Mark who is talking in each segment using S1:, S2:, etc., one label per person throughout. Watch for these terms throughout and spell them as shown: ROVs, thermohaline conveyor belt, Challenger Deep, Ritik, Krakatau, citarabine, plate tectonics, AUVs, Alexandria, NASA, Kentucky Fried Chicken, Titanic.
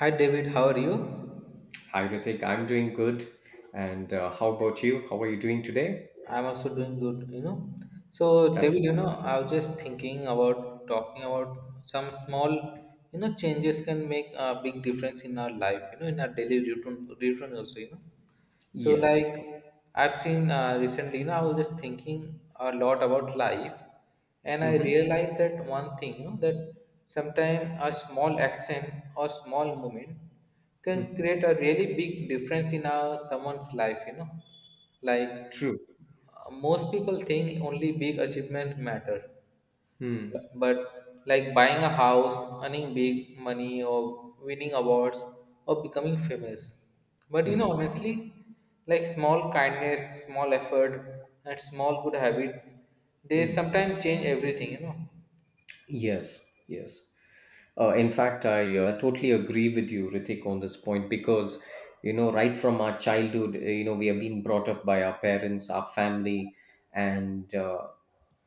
S1: Hi David, how are you?
S2: Hi, Ritik. I'm doing good. And how about you? How are you doing today?
S1: I'm also doing good, you know. So
S2: That's
S1: David, you know,
S2: nice.
S1: I was just thinking about talking about some small, you know, changes can make a big difference in our life, you know, in our daily routine, also, you know. So
S2: Yes.
S1: I've seen recently, you know, I was just thinking a lot about life, and I
S2: Mm-hmm.
S1: realized that one thing, you know, that sometimes a small action or small moment can create a really big difference in our someone's life, you know, like
S2: True.
S1: most people think only big achievement matter,
S2: Hmm.
S1: but like buying a house, earning big money, or winning awards, or becoming famous. But you know,
S2: Hmm.
S1: honestly, like small kindness, small effort, and small good habit, they
S2: Hmm.
S1: sometimes change everything, you know.
S2: Yes, yes. In fact, I totally agree with you, Ritik, on this point because, you know, right from our childhood, you know, we have been brought up by our parents, our family, and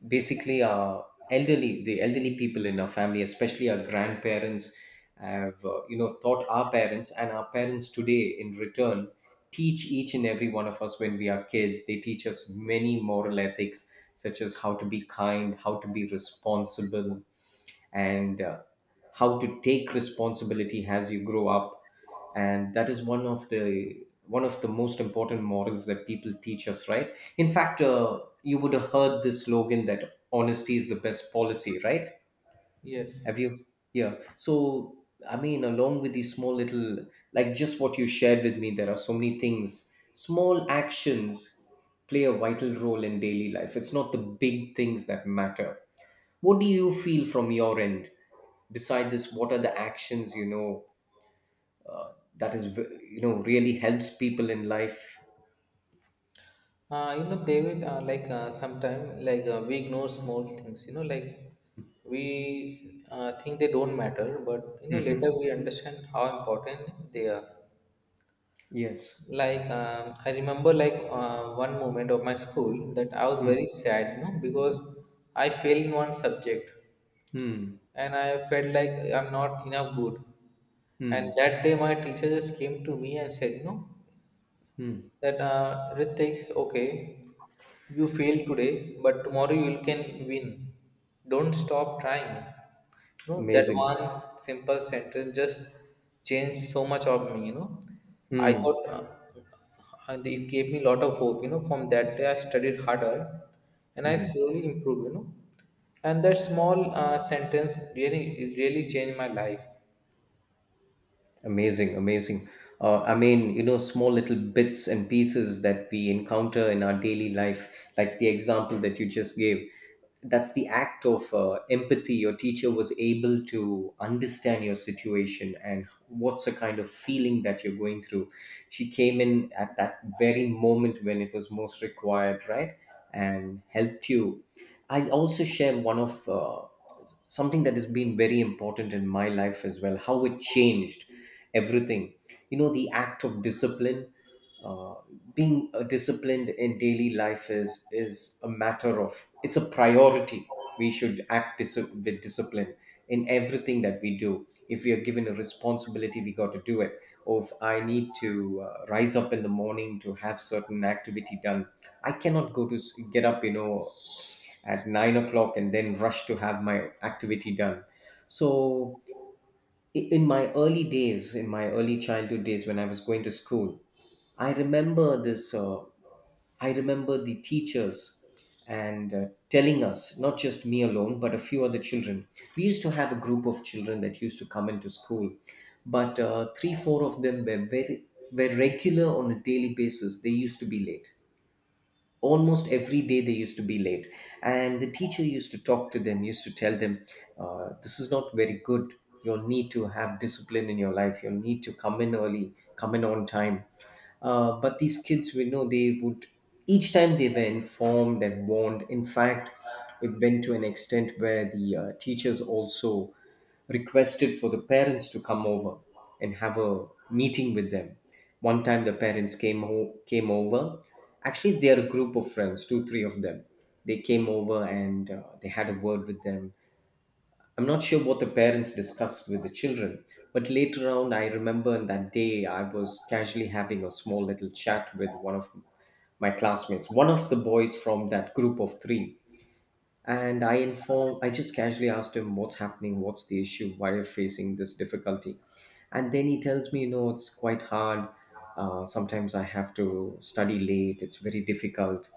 S2: basically our elderly the elderly people in our family, especially our grandparents, have you know, taught our parents, and our parents today in return teach each and every one of us. When we are kids, they teach us many moral ethics, such as how to be kind, how to be responsible, and how to take responsibility as you grow up. And that is one of the most important morals that people teach us, right? In fact, you would have heard this slogan that honesty is the best policy, right?
S1: Yes.
S2: Have you? Yeah, so I mean, along with these small little, like just what you shared with me, there are so many things. Small actions play a vital role in daily life. It's not the big things that matter. What do you feel from your end? Beside this, what are the actions, you know, that is you know, really helps people in life?
S1: You know, they will, sometime we ignore small things. You know, like we think they don't matter, but you know later
S2: Hmm.
S1: we understand how important they are.
S2: Yes.
S1: Like I remember, one moment of my school that I was very
S2: Hmm.
S1: sad, you know, because I failed in one subject,
S2: Hmm.
S1: and I felt like I'm not enough good. And
S2: Hmm.
S1: that day, my teacher just came to me and said, you know,
S2: Hmm.
S1: that Ritik is okay. You failed today, but tomorrow you can win. Don't stop trying. You know, that
S2: Amazing.
S1: one simple sentence just changed so much of me, you know. I
S2: Hmm.
S1: got, uh, and it gave me a lot of hope, you know. From that day, I studied harder and I
S2: Hmm.
S1: slowly improved, you know. And that small sentence really, really changed my life.
S2: Amazing, amazing. I mean, you know, small little bits and pieces that we encounter in our daily life, like the example that you just gave. That's the act of empathy. Your teacher was able to understand your situation and what's the kind of feeling that you're going through. She came in at that very moment when it was most required, right? And helped you. I'll also share one of something that has been very important in my life as well, how it changed everything. You know, the act of discipline. uh, Being disciplined in daily life is a matter of, it's a priority. We should act with discipline in everything that we do. If we are given a responsibility, we got to do it. Or if I need to rise up in the morning to have certain activity done, I cannot go to get up, you know, at 9 o'clock and then rush to have my activity done. So in my early days, in my early childhood days when I was going to school, i remember this uh, I remember the teachers, and telling us, not just me alone but a few other children. We used to have a group of children that used to come into school, but three four of them were very were regular. On a daily basis, they used to be late. Almost every day they used to be late, and the teacher used to talk to them, used to tell them, this is not very good. You'll need to have discipline in your life. You'll need to come in early, come in on time. But these kids, we know, they would, each time they were informed and warned. In fact, it went to an extent where the teachers also requested for the parents to come over and have a meeting with them. One time, the parents came over. Actually, they are a group of friends, two, three of them. They came over and they had a word with them. I'm not sure what the parents discussed with the children, but later on, I remember on that day, I was casually having a small little chat with one of my classmates, one of the boys from that group of three. And I informed, I just casually asked him, what's happening? What's the issue? Why are you facing this difficulty? And then he tells me, you know, it's quite hard. Sometimes I have to study late, it's very difficult.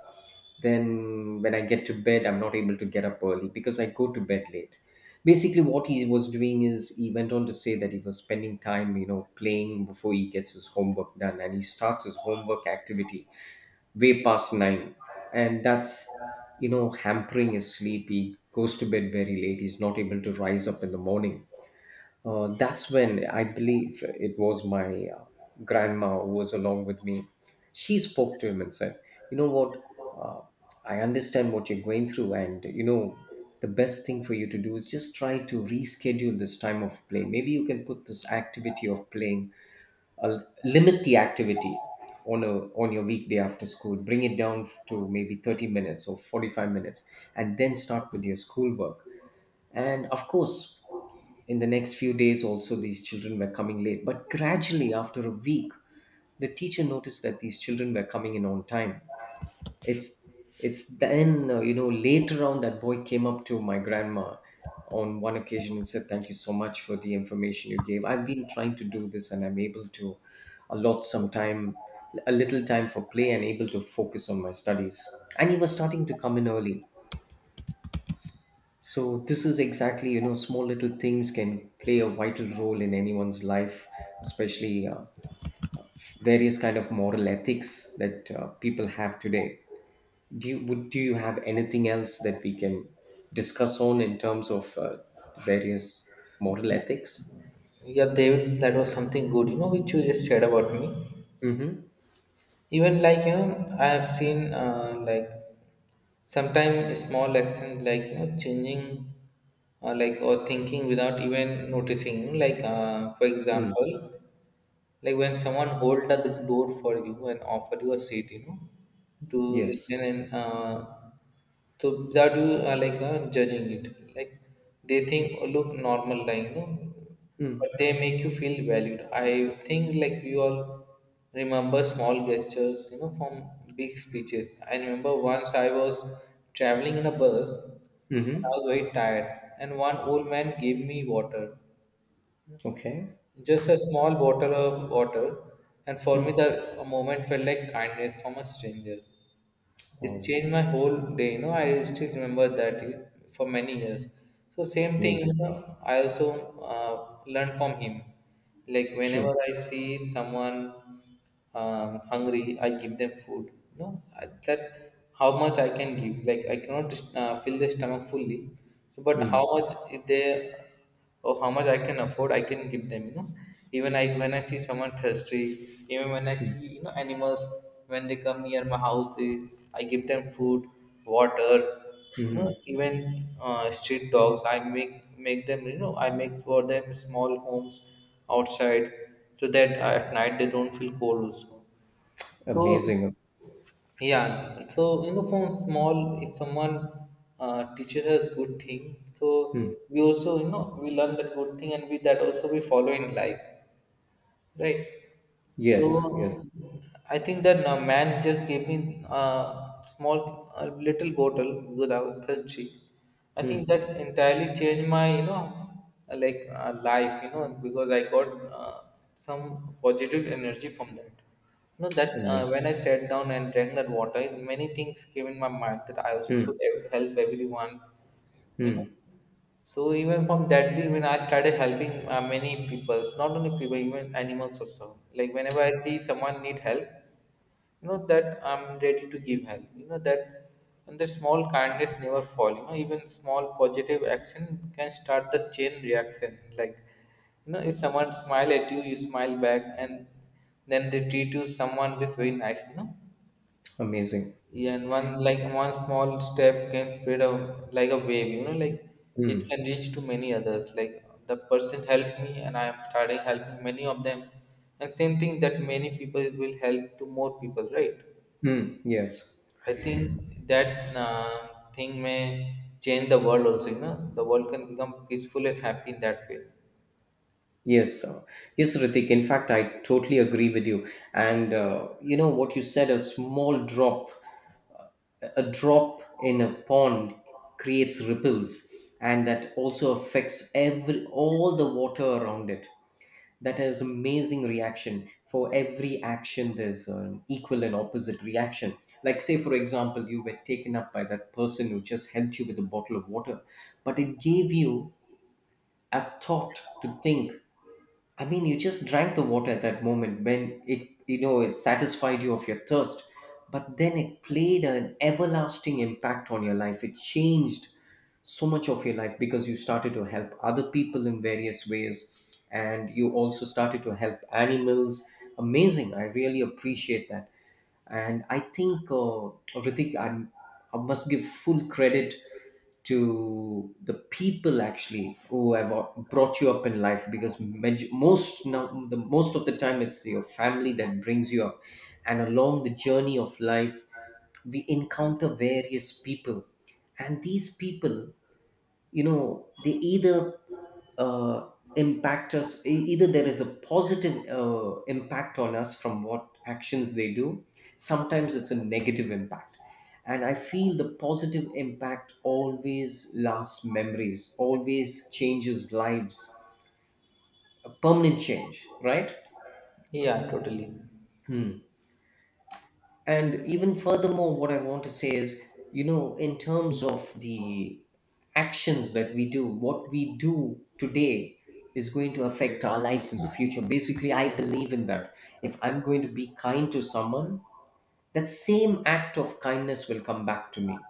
S2: Then when I get to bed, I'm not able to get up early because I go to bed late. Basically, what he was doing is he went on to say that he was spending time, you know, playing before he gets his homework done, and he starts his homework activity way past 9, and that's, you know, hampering his sleep. He goes to bed very late, he's not able to rise up in the morning. That's when I believe it was my grandma who was along with me. She spoke to him and said, you know what? Uh, I understand what you're going through, and you know, the best thing for you to do is just try to reschedule this time of play. Maybe you can put this activity of playing, limit the activity on a, on your weekday after school, bring it down to maybe 30 minutes or 45 minutes, and then start with your schoolwork. And of course, in the next few days also, these children were coming late. But gradually, after a week, the teacher noticed that these children were coming in on time. It's it's then, you know, later on, that boy came up to my grandma on one occasion and said, "Thank you so much for the information you gave. I've been trying to do this, and I'm able to allot some time, a little time for play, and able to focus on my studies." And he was starting to come in early. So this is exactly, you know, small little things can play a vital role in anyone's life, especially various kind of moral ethics that people have today. Do you have anything else that we can discuss on in terms of various moral ethics?
S1: Yeah, David, that was something good, you know, which you just said about me.
S2: Mm-hmm.
S1: Even you know, I have seen sometimes small actions like you know changing, like or thinking without even noticing, for
S2: Mm.
S1: example like when someone hold the door for you and offer you a seat, you know, to listen
S2: Yes.
S1: and so that you are like judging it like they think, oh, look normal, like you know, but
S2: Mm.
S1: they make you feel valued. I think like we all remember small gestures, you know, from big speeches. I remember once I was traveling in a bus and
S2: Mm-hmm.
S1: I was very tired, and one old man gave me water,
S2: Okay.
S1: just a small bottle of water. And for me,
S2: Mm.
S1: the a moment felt like kindness from a stranger. It
S2: Wow.
S1: changed my whole day. You know, I still remember for many years. So same thing.
S2: Amazing.
S1: You know, I also learned from him. Like
S2: True.
S1: whenever I see someone hungry, I give them food. That how much I can give. Like I cannot fill their stomach fully, so, but how
S2: Mm.
S1: much if they or how much I can afford, I can give them. You know, even I when I see someone thirsty, even when I see you know animals when they come near my house, they, I give them food, water. You know,
S2: Mm-hmm.
S1: even street dogs, I make them. You know, I make for them small homes outside so that at night they don't feel cold also. So
S2: Amazing.
S1: yeah, so you know, from small, if someone teaches us good thing, so
S2: Mm.
S1: we also you know we learn that good thing, and we that also we follow in life, right?
S2: Yes. Yes.
S1: So I think that man just gave me a small, a little bottle because I was thirsty. I think
S2: Mm.
S1: that entirely changed my, you know, life, you know, because I got some positive energy from that. You know that when
S2: Amazing.
S1: I sat down and drank that water, many things came in my mind that I also should
S2: Mm,
S1: help everyone, you know.
S2: mm,
S1: So even from that day, when I started helping many people, not only people, even animals also. Like whenever I see someone need help, you know that I'm ready to give help. You know that, and the small kindness never fall. You know even small positive action can start the chain reaction. Like, you know, if someone smile at you, you smile back, and then they treat you someone with very nice. You know,
S2: amazing.
S1: yeah, and one small step can spread a like a wave, you know, like it
S2: Mm,
S1: can reach to many others. Like the person helped me and I am starting helping many of them. And same thing that many people will help to more people, right?
S2: mm, yes,
S1: I think that thing may change the world also, you know. The world can become peaceful and happy in that way.
S2: yes, yes, Ritik. In fact, I totally agree with you. And you know what you said, a small drop, a drop in a pond creates ripples, and that also affects every, all the water around it. That is amazing. Reaction. For every action there's an equal and opposite reaction. Like, say for example, you were taken up by that person who just helped you with a bottle of water, but it gave you a thought to think. I mean, you just drank the water at that moment when it, you know, it satisfied you of your thirst, but then it played an everlasting impact on your life. It changed so much of your life because you started to help other people in various ways, and you also started to help animals. Amazing. I really appreciate that, and I think Ritik, I'm, I must give full credit to the people actually who have brought you up in life, because maj- most now the most of the time it's your family that brings you up, and along the journey of life we encounter various people, and these people, you know, they either uh, impact us, either there is a positive impact on us from what actions they do, sometimes it's a negative impact. And I feel the positive impact always lasts, memories, always changes lives, a permanent change, right?
S1: Yeah, totally.
S2: Hmm. And even furthermore, what I want to say is, you know, in terms of the actions that we do, what we do today is going to affect our lives in the future. Basically, I believe in that. If I'm going to be kind to someone, that same act of kindness will come back to me.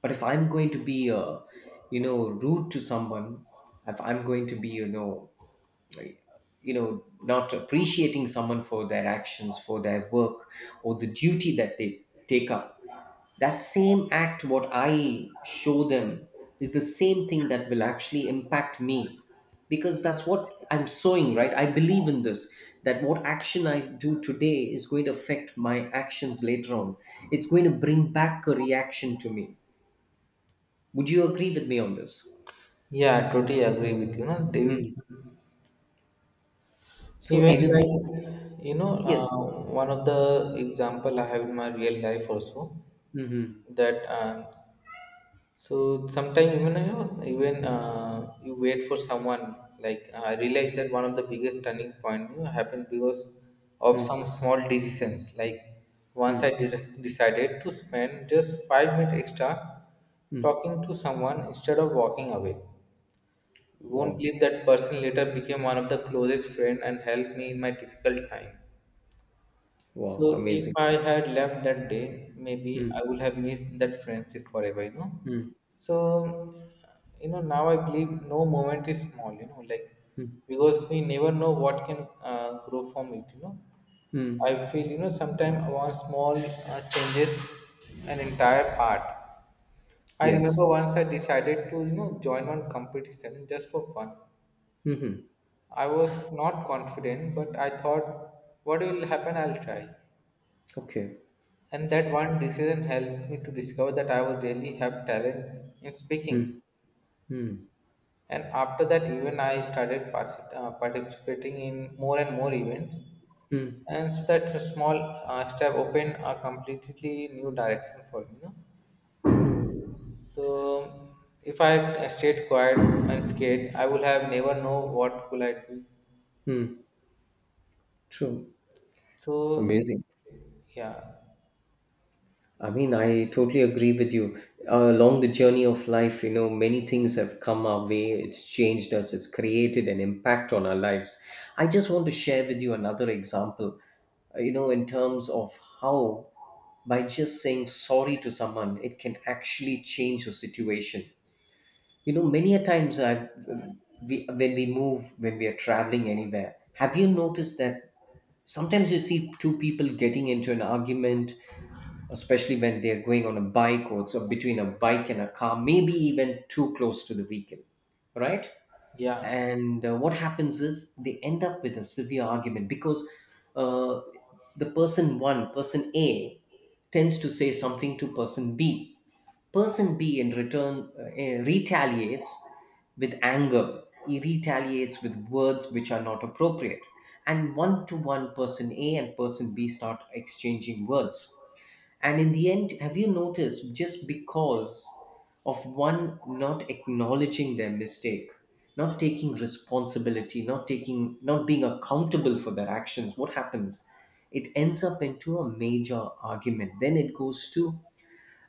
S2: But if I'm going to be, you know, rude to someone, if I'm going to be, you know, you know, not appreciating someone for their actions, for their work, or the duty that they take up, that same act, what I show them, is the same thing that will actually impact me, because that's what I'm sowing, right? I believe in this, that what action I do today is going to affect my actions later on. It's going to bring back a reaction to me. Would you agree with me on this?
S1: Yeah, I totally agree with you, no, David.
S2: Mm. So
S1: Even like
S2: anything,
S1: you know,
S2: yes.
S1: one of the example I have in my real life also
S2: Hmm. Hmm.
S1: that so sometimes even you know even you wait for someone like I realized that one of the biggest turning point, you know, happened because of some small decisions. Like once
S2: Hmm.
S1: decided to spend just 5 minutes extra
S2: Hmm.
S1: talking to someone instead of walking away. You won't
S2: Wow,
S1: believe that person later became one of the closest friend and helped me in my difficult time.
S2: wow,
S1: So if
S2: amazing.
S1: I had left that day, maybe I
S2: Hmm,
S1: would have missed that friendship forever, you know.
S2: hmm,
S1: So you know now I believe no moment is small, you know, like
S2: hmm,
S1: because we never know what can grow from it, you know.
S2: hmm.
S1: I feel you know sometimes one small changes an entire part. I
S2: Yes.
S1: remember once I decided to you know join one competition just for fun.
S2: Mm-hmm.
S1: I was not confident, but I thought, what will happen? I'll try.
S2: Okay.
S1: And that one decision helped me to discover that I would really have talent in speaking.
S2: Hmm, hmm,
S1: And after that, even I started participating in more and more events.
S2: hmm,
S1: And so that small step opened a completely new direction for me. You know?
S2: hmm,
S1: So if I had stayed quiet and scared, I would have never know what could I do.
S2: hmm. True.
S1: So
S2: Amazing.
S1: yeah,
S2: I mean, I totally agree with you. Along the journey of life, you know, many things have come our way. It's changed us. It's created an impact on our lives. I just want to share with you another example. You know, in terms of how by just saying sorry to someone, it can actually change a situation. You know, many a times I've, we, when we move, when we are traveling anywhere, have you noticed that sometimes you see two people getting into an argument, especially when they're going on a bike, or between a bike and a car, maybe even too close to the vehicle, right?
S1: yeah.
S2: And what happens is, they end up with a severe argument, because uh, person A tends to say something to person B. Person B in return retaliates with anger. He retaliates with words which are not appropriate. And one to one, person A and person B start exchanging words. And in the end, have you noticed, just because of one not acknowledging their mistake, not taking responsibility, not being accountable for their actions, what happens? It ends up into a major argument. Then it goes to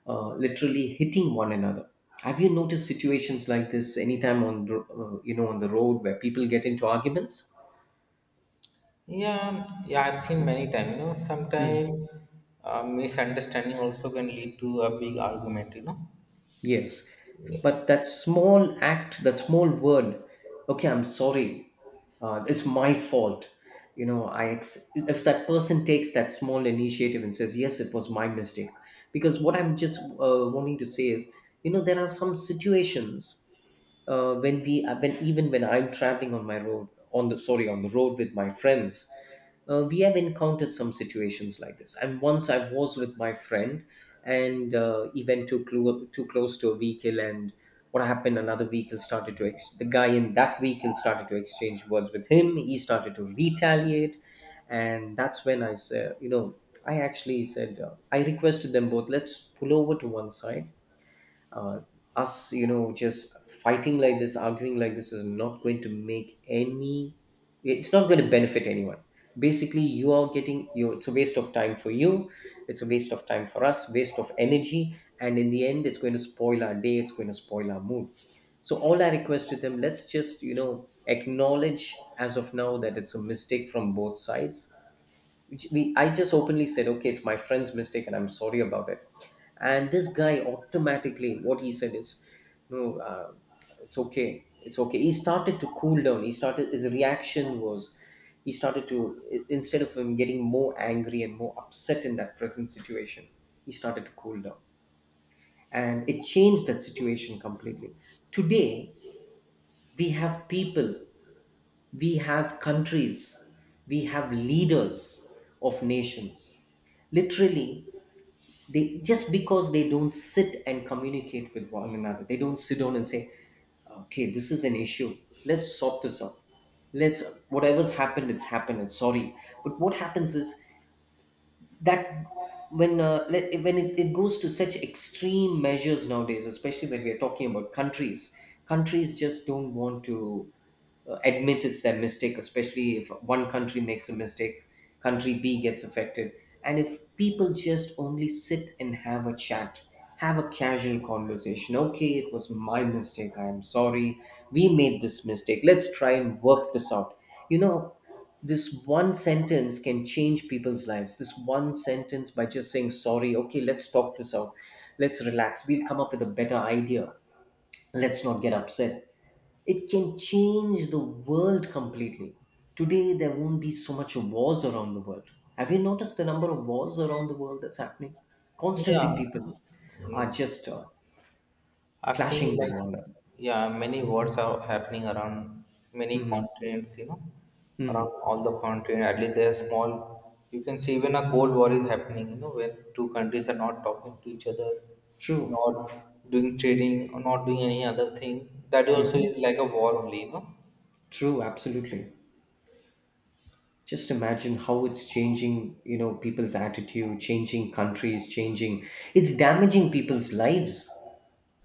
S2: literally hitting one another. Have you noticed situations like this anytime on the road where people get into arguments?
S1: Yeah, yeah, I've seen many times. You know,
S2: Hmm.
S1: sometimes misunderstanding also can lead to a big argument. You know.
S2: Yes, but that small act, that small word, okay, I'm sorry, it's my fault. You know, if that person takes that small initiative and says, yes, it was my mistake. Because what I'm just wanting to say is, you know, there are some situations, when even when I'm traveling on my road on the sorry on the road with my friends. We have encountered some situations like this, and once I was with my friend, and he went too close to a vehicle. And what happened, another vehicle started to ex- the guy in that vehicle started to exchange words with him. He started to retaliate, and that's when I said you know I actually said I requested them both, let's pull over to one side. Uh, us you know just fighting like this, arguing like this, is not going to make any it's not going to benefit anyone. Basically, you are getting you it's a waste of time for you, it's a waste of time for us, waste of energy. And in the end, it's going to spoil our day, it's going to spoil our mood. So all I request to them, let's just acknowledge as of now that it's a mistake from both sides, which we I just openly said, okay, it's my friend's mistake, and I'm sorry about it. And this guy automatically, what he said is, no, it's okay, it's okay. He started to cool down. He started his reaction was he started to I- Instead of him getting more angry and more upset in that present situation, he started to cool down, and it changed that situation completely. Today, we have people, we have countries, we have leaders of nations. Literally, they, just because they don't sit and communicate with one another, they don't sit down and say, okay, this is an issue. Let's sort this out. Let's, whatever's happened. It's sorry. But what happens is that when let, when it goes to such extreme measures nowadays, especially when we are talking about countries, countries just don't want to admit it's their mistake. Especially if one country makes a mistake, country B gets affected. And if people just only sit and have a chat, have a casual conversation, okay, it was my mistake, I am sorry, we made this mistake, let's try and work this out. You know, this one sentence can change people's lives. This one sentence, by just saying sorry, okay, let's talk this out, let's relax, we'll come up with a better idea, let's not get upset, it can change the world completely. Today, there won't be so much wars around the world. Have you noticed the number of wars around the world that's happening?
S1: Yeah.
S2: Constantly, people are
S1: Mm.
S2: just
S1: I've seen
S2: clashing with
S1: like
S2: one another.
S1: yeah, many wars are happening around many
S2: Hmm.
S1: continents. You know, around
S2: Hmm.
S1: all the continent. At least they're small. You can see even a cold war is happening. You know, when two countries are not talking to each other,
S2: True.
S1: not doing trading, or not doing any other thing. That also
S2: Hmm.
S1: is like a war only. You know.
S2: True. Absolutely. Just imagine how it's changing, you know, people's attitude, changing countries, changing. It's damaging people's lives.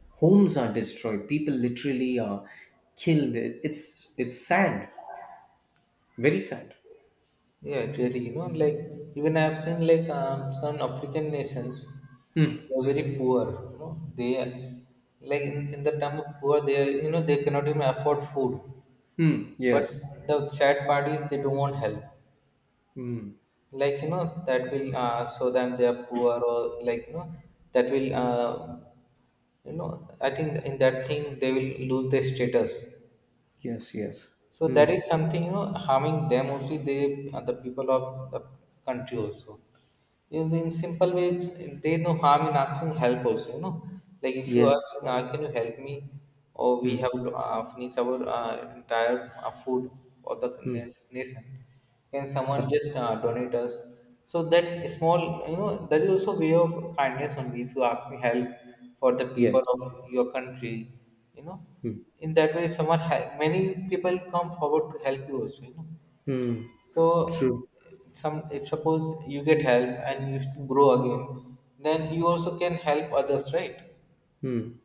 S2: Homes are destroyed. People literally are killed. It's sad. Very sad.
S1: Yeah, really. You know, like even I've seen like some African nations,
S2: Hmm.
S1: they're very poor. You know, they are like in the term of poor, you know they cannot even afford food.
S2: Hmm.
S1: But
S2: Yes.
S1: the sad part is they don't want help.
S2: Hmm.
S1: Like you know that will show them they are poor, or like you know that will you know I think in that thing they will lose their status.
S2: Yes. Yes.
S1: So that
S2: Hmm.
S1: is something, you know, harming them also. They, the people of the country also. In simple ways, they no harm in asking help also, you know. Like if you ask,
S2: Yes.
S1: can you help me? Or we
S2: Hmm.
S1: have finished our entire food of the
S2: Hmm.
S1: nation. Can someone
S2: Correct.
S1: just donate us? So that small, you know, that is also way of kindness only. If you ask me help for the people
S2: Yes.
S1: of your country, you know,
S2: Hmm.
S1: in that way, many people come forward to help you also, you know.
S2: Hmm.
S1: So
S2: True.
S1: some if suppose you get help and you grow again, then you also can help others, right?
S2: Hmm.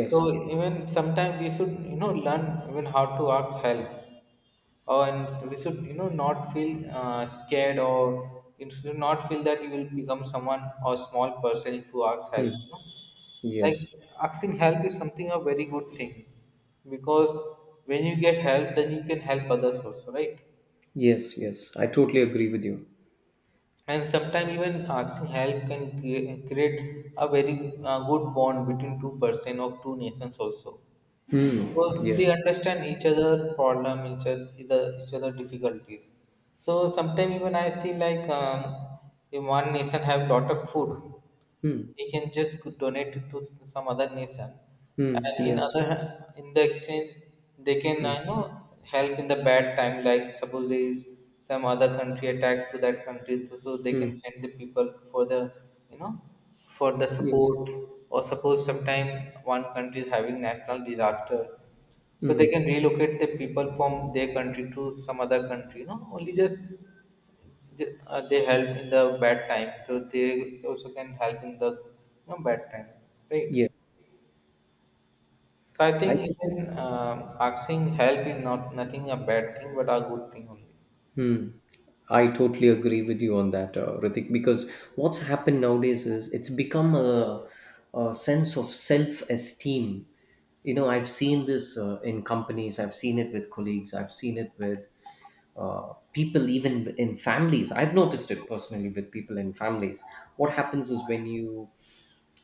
S1: So even sometimes we should you know learn even how to ask help, or and we should you know not feel scared, or you should not feel that you will become someone or small person if you ask help.
S2: Hmm.
S1: You know? Like
S2: Yes.
S1: asking help is something a very good thing, because when you get help then you can help others also, right?
S2: Yes. Yes, I totally agree with you.
S1: And sometimes even asking help can create a very good bond between two person or two nations also, because they
S2: Yes.
S1: understand each other problem, each other difficulties. So sometimes even I see like in one nation have lot of food,
S2: Hmm.
S1: he can just donate it to some other nation,
S2: Hmm.
S1: and in
S2: Yes.
S1: other, in the exchange, they can
S2: Hmm.
S1: help in the bad time. Like suppose there is some other country attack to that country, so they can
S2: Hmm.
S1: send the people for the you know for the
S2: Yes.
S1: support. Or suppose sometime one country is having national disaster, so they
S2: Hmm.
S1: can relocate the people from their country to some other country, you know, only just they help in the bad time, so they also can help in the you know, bad time, right?
S2: Yeah.
S1: So I think
S2: I
S1: even asking help is not nothing a bad thing but a good thing only.
S2: Hmm. I totally agree with you on that, Ritik, because what's happened nowadays is, it's become a sense of self esteem. You know, I've seen this in companies, I've seen it with colleagues, I've seen it with people, even in families. I've noticed it personally with people in families. What happens is,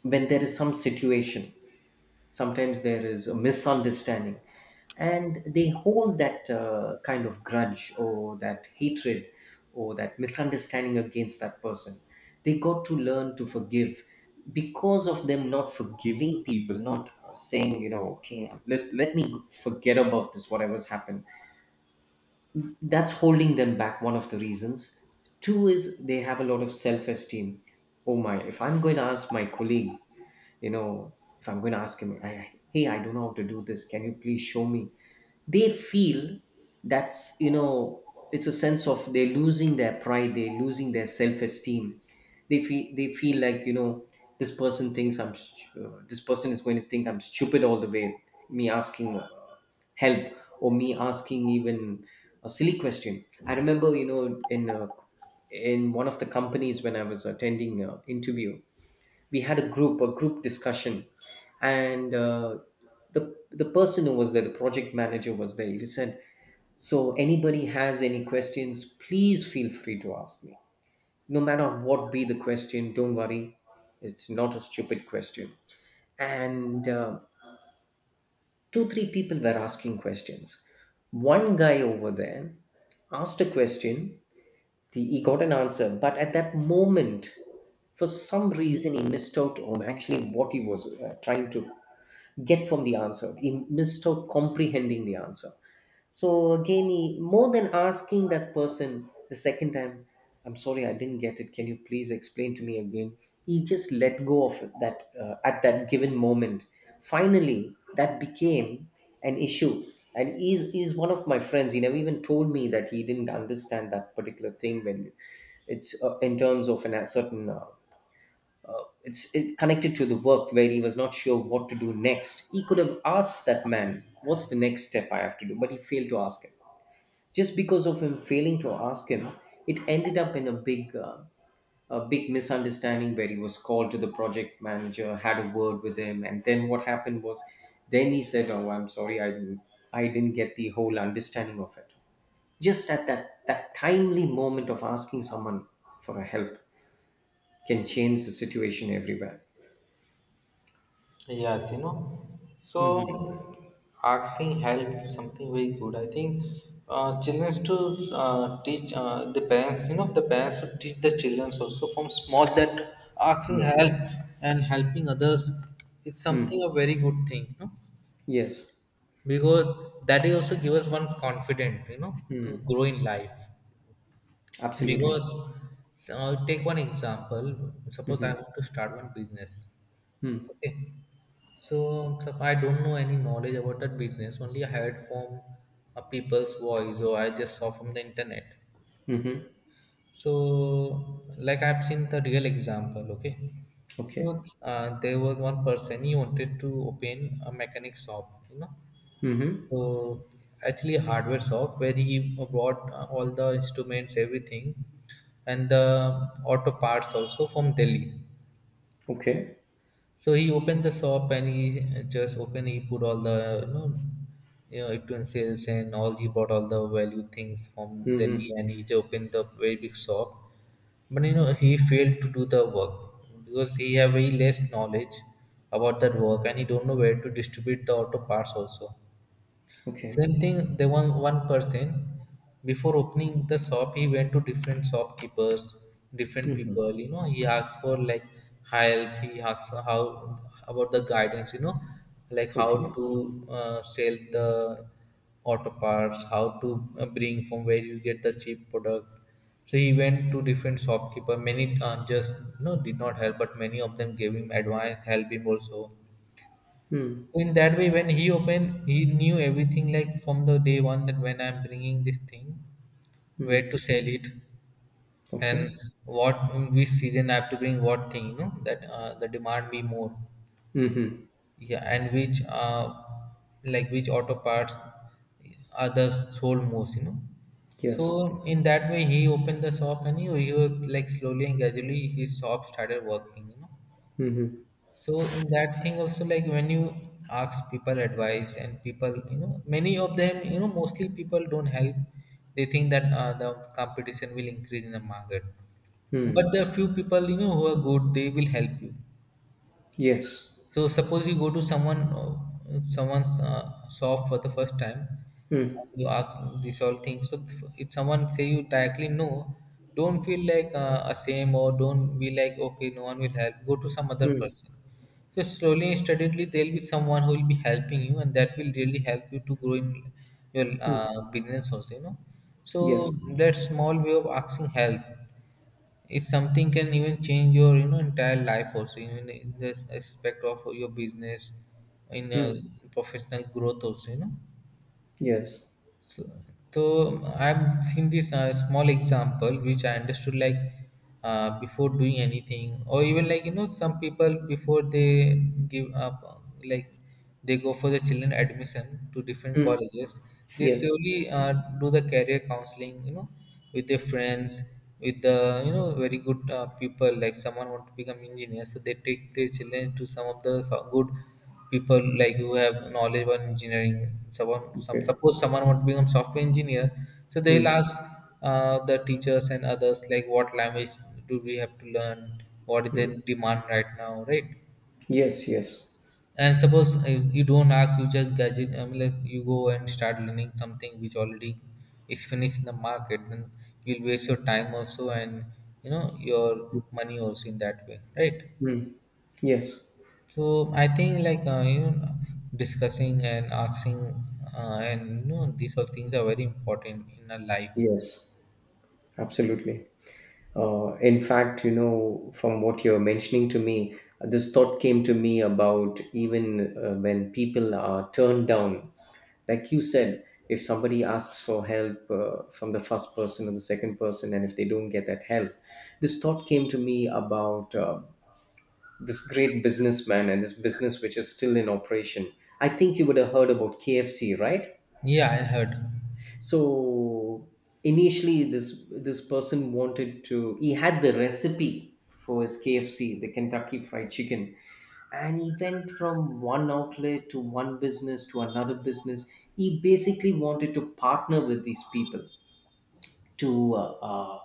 S2: when there is some situation, sometimes there is a misunderstanding, and they hold that kind of grudge or that hatred or that misunderstanding against that person. They got to learn to forgive, because of them not forgiving people, not saying, you know, okay, let me forget about this, whatever's happened, that's holding them back. One of the reasons. Two is, they have a lot of self-esteem. Oh my, if I'm going to ask my colleague you know if I'm going to ask him, hey, I don't know how to do this, can you please show me. They feel that's you know it's a sense of, they're losing their pride, they're losing their self-esteem. They feel, like, this person thinks this person is going to think I'm stupid all the way. Me asking help, or me asking even a silly question. I remember, in one of the companies, when I was attending an interview, we had a group discussion, and the person who was there, the project manager was there, he said, so anybody has any questions, please feel free to ask me, no matter what be the question. Don't worry, it's not a stupid question. And two three people were asking questions. One guy over there asked a question. He got an answer, but at that moment, for some reason, he missed out on actually what he was trying to get from the answer. He missed out comprehending the answer. So again, he, more than asking that person the second time, I'm sorry, I didn't get it, can you please explain to me again, he just let go of it, that at that given moment. Finally, that became an issue. And he's one of my friends. He never even told me that he didn't understand that particular thing, when it's in terms of a certain, it's, it connected to the work, where he was not sure what to do next. He could have asked that man, what's the next step I have to do? But he failed to ask him. Just because of him failing to ask him, it ended up in a big misunderstanding, where he was called to the project manager, had a word with him. And then what happened was, then he said, oh, I'm sorry, I didn't get the whole understanding of it. Just at that timely moment of asking someone for a help can change the situation everywhere.
S1: Yes, you know, so
S2: Mhm.
S1: asking help is something very good. I think children to teach the parents, you know, the parents should teach the children also from small that asking
S2: Yes.
S1: help and helping others is
S2: Hmm.
S1: something a very good thing, you know?
S2: Yes.
S1: Because that is also give us one confident, you know, to
S2: Hmm.
S1: grow in life.
S2: Absolutely.
S1: Because so take one example. Suppose I
S2: Mm-hmm.
S1: want to start one business.
S2: Hmm.
S1: Okay, so I don't know any knowledge about that business, only I heard from a people's voice or I just saw from the internet.
S2: Mm-hmm.
S1: So like I've seen the real example. Okay, so
S2: Okay.
S1: there was one person, he wanted to open a mechanic shop, you know.
S2: Mm-hmm.
S1: So actually, hardware shop where he bought all the instruments, everything, and the auto parts also from Delhi.
S2: Okay.
S1: So he opened the shop and he just opened. He put all the you know utensils and all. He bought all the value things from Delhi,
S2: Mm-hmm.
S1: and he opened the very big shop. But you know he failed to do the work because he have very less knowledge about that work, and he don't know where to distribute the auto parts also.
S2: Okay.
S1: Same thing, there one person before opening the shop, he went to different shopkeepers, different
S2: Mm-hmm.
S1: people, you know, he asked for like help, he asked for how about the guidance, you know, like how
S2: Okay.
S1: to sell the auto parts, how to bring from where you get the cheap product. So he went to different shopkeeper. Many just you know did not help, but many of them gave him advice, help him also
S2: Hmm.
S1: in that way. When he opened, he knew everything like from the day one that when I'm bringing this thing, where
S2: Hmm.
S1: to sell it, and
S2: Okay.
S1: what, which season I have to bring what thing, you know, that the demand be more.
S2: Mm-hmm.
S1: Yeah, and which like which auto parts are the sold most, you know.
S2: Yes.
S1: So in that way he opened the shop and he was like slowly and gradually his shop started working, you know.
S2: Mm-hmm.
S1: So in that thing also, like when you ask people advice and people, you know, many of them, you know, mostly people don't help. They think that the competition will increase in the market, but
S2: Hmm.
S1: the few people, you know, who are good, they will help you.
S2: Yes.
S1: So suppose you go to someone someone's shop for the first time
S2: Hmm.
S1: and you ask these all things, so if someone say you directly no, don't feel like ashamed or don't be like okay no one will help, go to some other
S2: Hmm.
S1: person. So slowly and steadily, there'll be someone who will be helping you, and that will really help you to grow in your
S2: Hmm.
S1: business also. You know,
S2: Yes.
S1: so that small way of asking help is something can even change your you know entire life also. Even in the aspect of your business, in
S2: Hmm.
S1: professional growth also. You know.
S2: Yes.
S1: So, I've seen this small example which I understood like before doing anything, or even like you know some people before they give up, like they go for the children admission to different
S2: Hmm.
S1: colleges, they
S2: Yes.
S1: slowly do the career counseling, you know, with their friends, with the you know very good people, like someone want to become engineer, so they take their children to some of the good people, like who have knowledge about engineering. Someone some,
S2: Okay.
S1: suppose someone want to become software engineer, so they'll
S2: Hmm.
S1: ask the teachers and others like what language do we have to learn, what is the
S2: Hmm.
S1: demand right now, right?
S2: Yes. Yes.
S1: And suppose you don't ask, you just gadget, I mean like you go and start learning something which already is finished in the market, then you'll waste your time also, and you know, your money also in that way, right?
S2: Hmm. Yes.
S1: So I think like you know, discussing and asking and you know these all things are very important in our life.
S2: Yes. Absolutely. In fact, you know, from what you're mentioning to me, this thought came to me about even when people are turned down. Like you said, if somebody asks for help from the first person or the second person, and if they don't get that help, this thought came to me about this great businessman and this business which is still in operation. I think you would have heard about KFC, right?
S1: Yeah, I heard.
S2: So initially, this person wanted to. He had the recipe for his KFC, the Kentucky Fried Chicken, and he went from one outlet to one business to another business. He basically wanted to partner with these people, to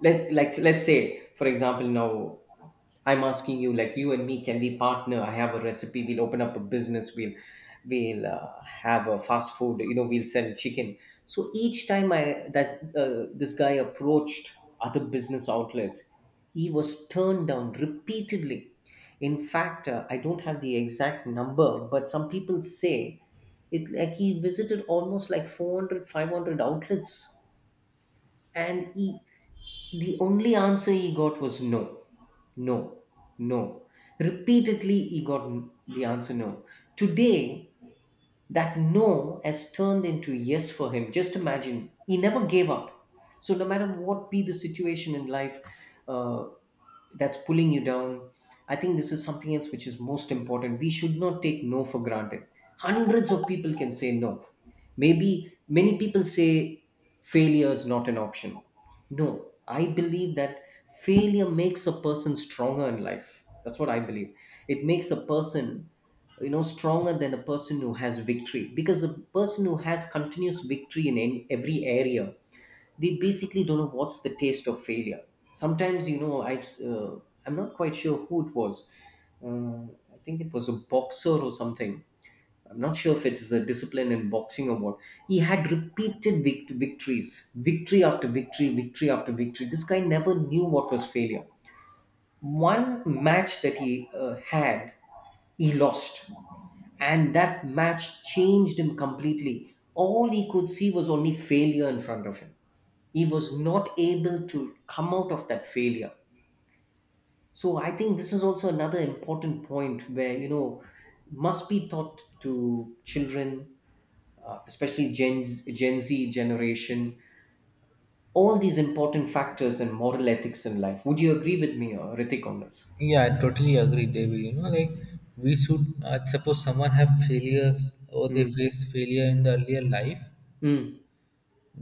S2: let's say, for example, now I'm asking you, like you and me, can we partner? I have a recipe. We'll open up a business. We'll have a fast food. You know, we'll sell chicken. So each time I that this guy approached other business outlets, he was turned down repeatedly. In fact, I don't have the exact number, but some people say it, like, he visited almost like 400, 500 outlets. And he, the only answer he got was no, no, no. Repeatedly, he got the answer no. Today, that no has turned into yes for him. Just imagine, he never gave up. So, no matter what be the situation in life uh, that's pulling you down, I think this is something else which is most important. We should not take no for granted. Hundreds of people can say no. Maybe many people say failure is not an option. No, I believe that failure makes a person stronger in life. That's what I believe. It makes a person, you know, stronger than a person who has victory, because a person who has continuous victory in any, every area, they basically don't know what's the taste of failure. Sometimes, I'm not quite sure who it was. uh, I think it was a boxer or something. I'm not sure if it is a discipline in boxing or what. He had repeated victories, victory after victory, victory after victory. This guy never knew what was failure. One match that he had, he lost, and that match changed him completely. All he could see was only failure in front of him. He was not able to come out of that failure. So I think this is also another important point where, must be taught to children, especially Gen Z generation. All these important factors and moral ethics in life. Would you agree with me, Ritik, on this?
S1: Yeah, I totally agree, David. You know, like we should suppose someone have failures or they
S2: Mm.
S1: face failure in the earlier life,
S2: Mm.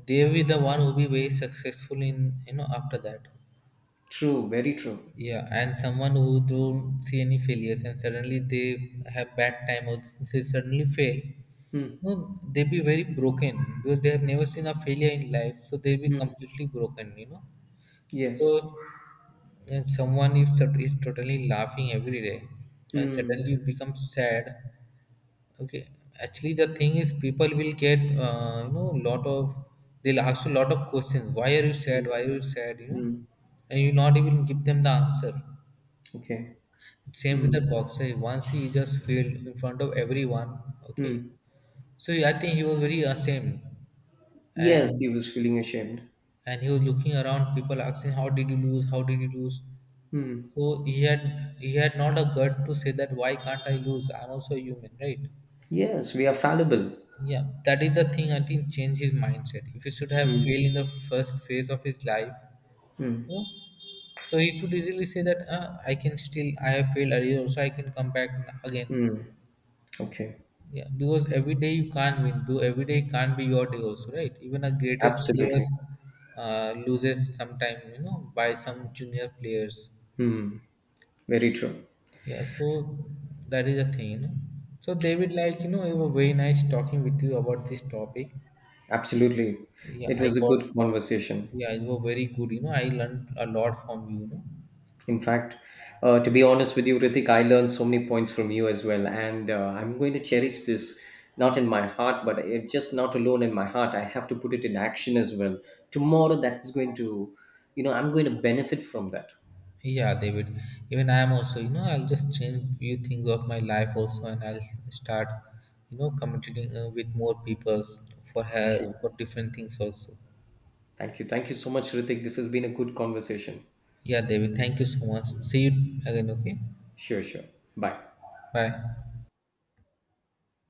S1: they will be the one who be very successful in you know after that.
S2: True. Very true.
S1: Yeah, and someone who don't see any failures and suddenly they have bad time or they suddenly fail,
S2: Mm.
S1: no, they be very broken, because they have never seen a failure in life, so they'll be
S2: Mm.
S1: completely broken, you know. Because
S2: Yes.
S1: and someone is, is totally laughing every day, and
S2: Mm.
S1: suddenly you become sad. Okay. Actually, the thing is, people will get you know lot of, they'll ask you lot of questions. Why are you sad?
S2: Mm.
S1: Why are you sad? You know,
S2: Mm.
S1: and you not even give them the answer.
S2: Okay.
S1: Same with the
S2: Hmm.
S1: boxer. Once he just failed in front of everyone. Okay,
S2: Hmm.
S1: so I think he was very ashamed,
S2: Yes,
S1: and
S2: he was feeling ashamed.
S1: and he was looking around. People asking, "How did you lose? How did you lose?"
S2: Hmm.
S1: So he had, he had not a gut to say that why can't I lose? I'm also a human, right?
S2: Yes, we are fallible.
S1: Yeah, that is the thing. I think change his mindset. If he should have
S2: Hmm.
S1: failed in the first phase of his life, you
S2: Hmm.
S1: know, so he should easily say that I can still, I have failed earlier, also I can come back again.
S2: Hmm. Okay.
S1: Yeah, because every day you can't win. Do every day can't be your day also, right? Even a greatest players
S2: Absolutely.
S1: loses sometime, you know, by some junior players.
S2: Very true.
S1: Yeah, so that is the thing. You know? So David, like you know, it was very nice talking with you about this topic.
S2: Absolutely.
S1: Yeah,
S2: It
S1: I
S2: was a
S1: got.
S2: good conversation.
S1: Yeah, you were very good. You know, I learned a lot from you. You know.
S2: In fact, to be honest with you, Ritik, I learned so many points from you as well. And I'm going to cherish this, not in my heart, but just not alone in my heart. I have to put it in action as well. Tomorrow, that is going to, you know, I'm going to benefit from that.
S1: Yeah, David. Even I am also. You know, I'll just change few things of my life also, and I'll start, you know, communicating with more people for
S2: Sure.
S1: her for different things also.
S2: Thank you. Thank you so much, Ritik. This has been a good conversation.
S1: Yeah, David. Thank you so much. See you again. Okay.
S2: Sure, sure. Bye.
S1: Bye.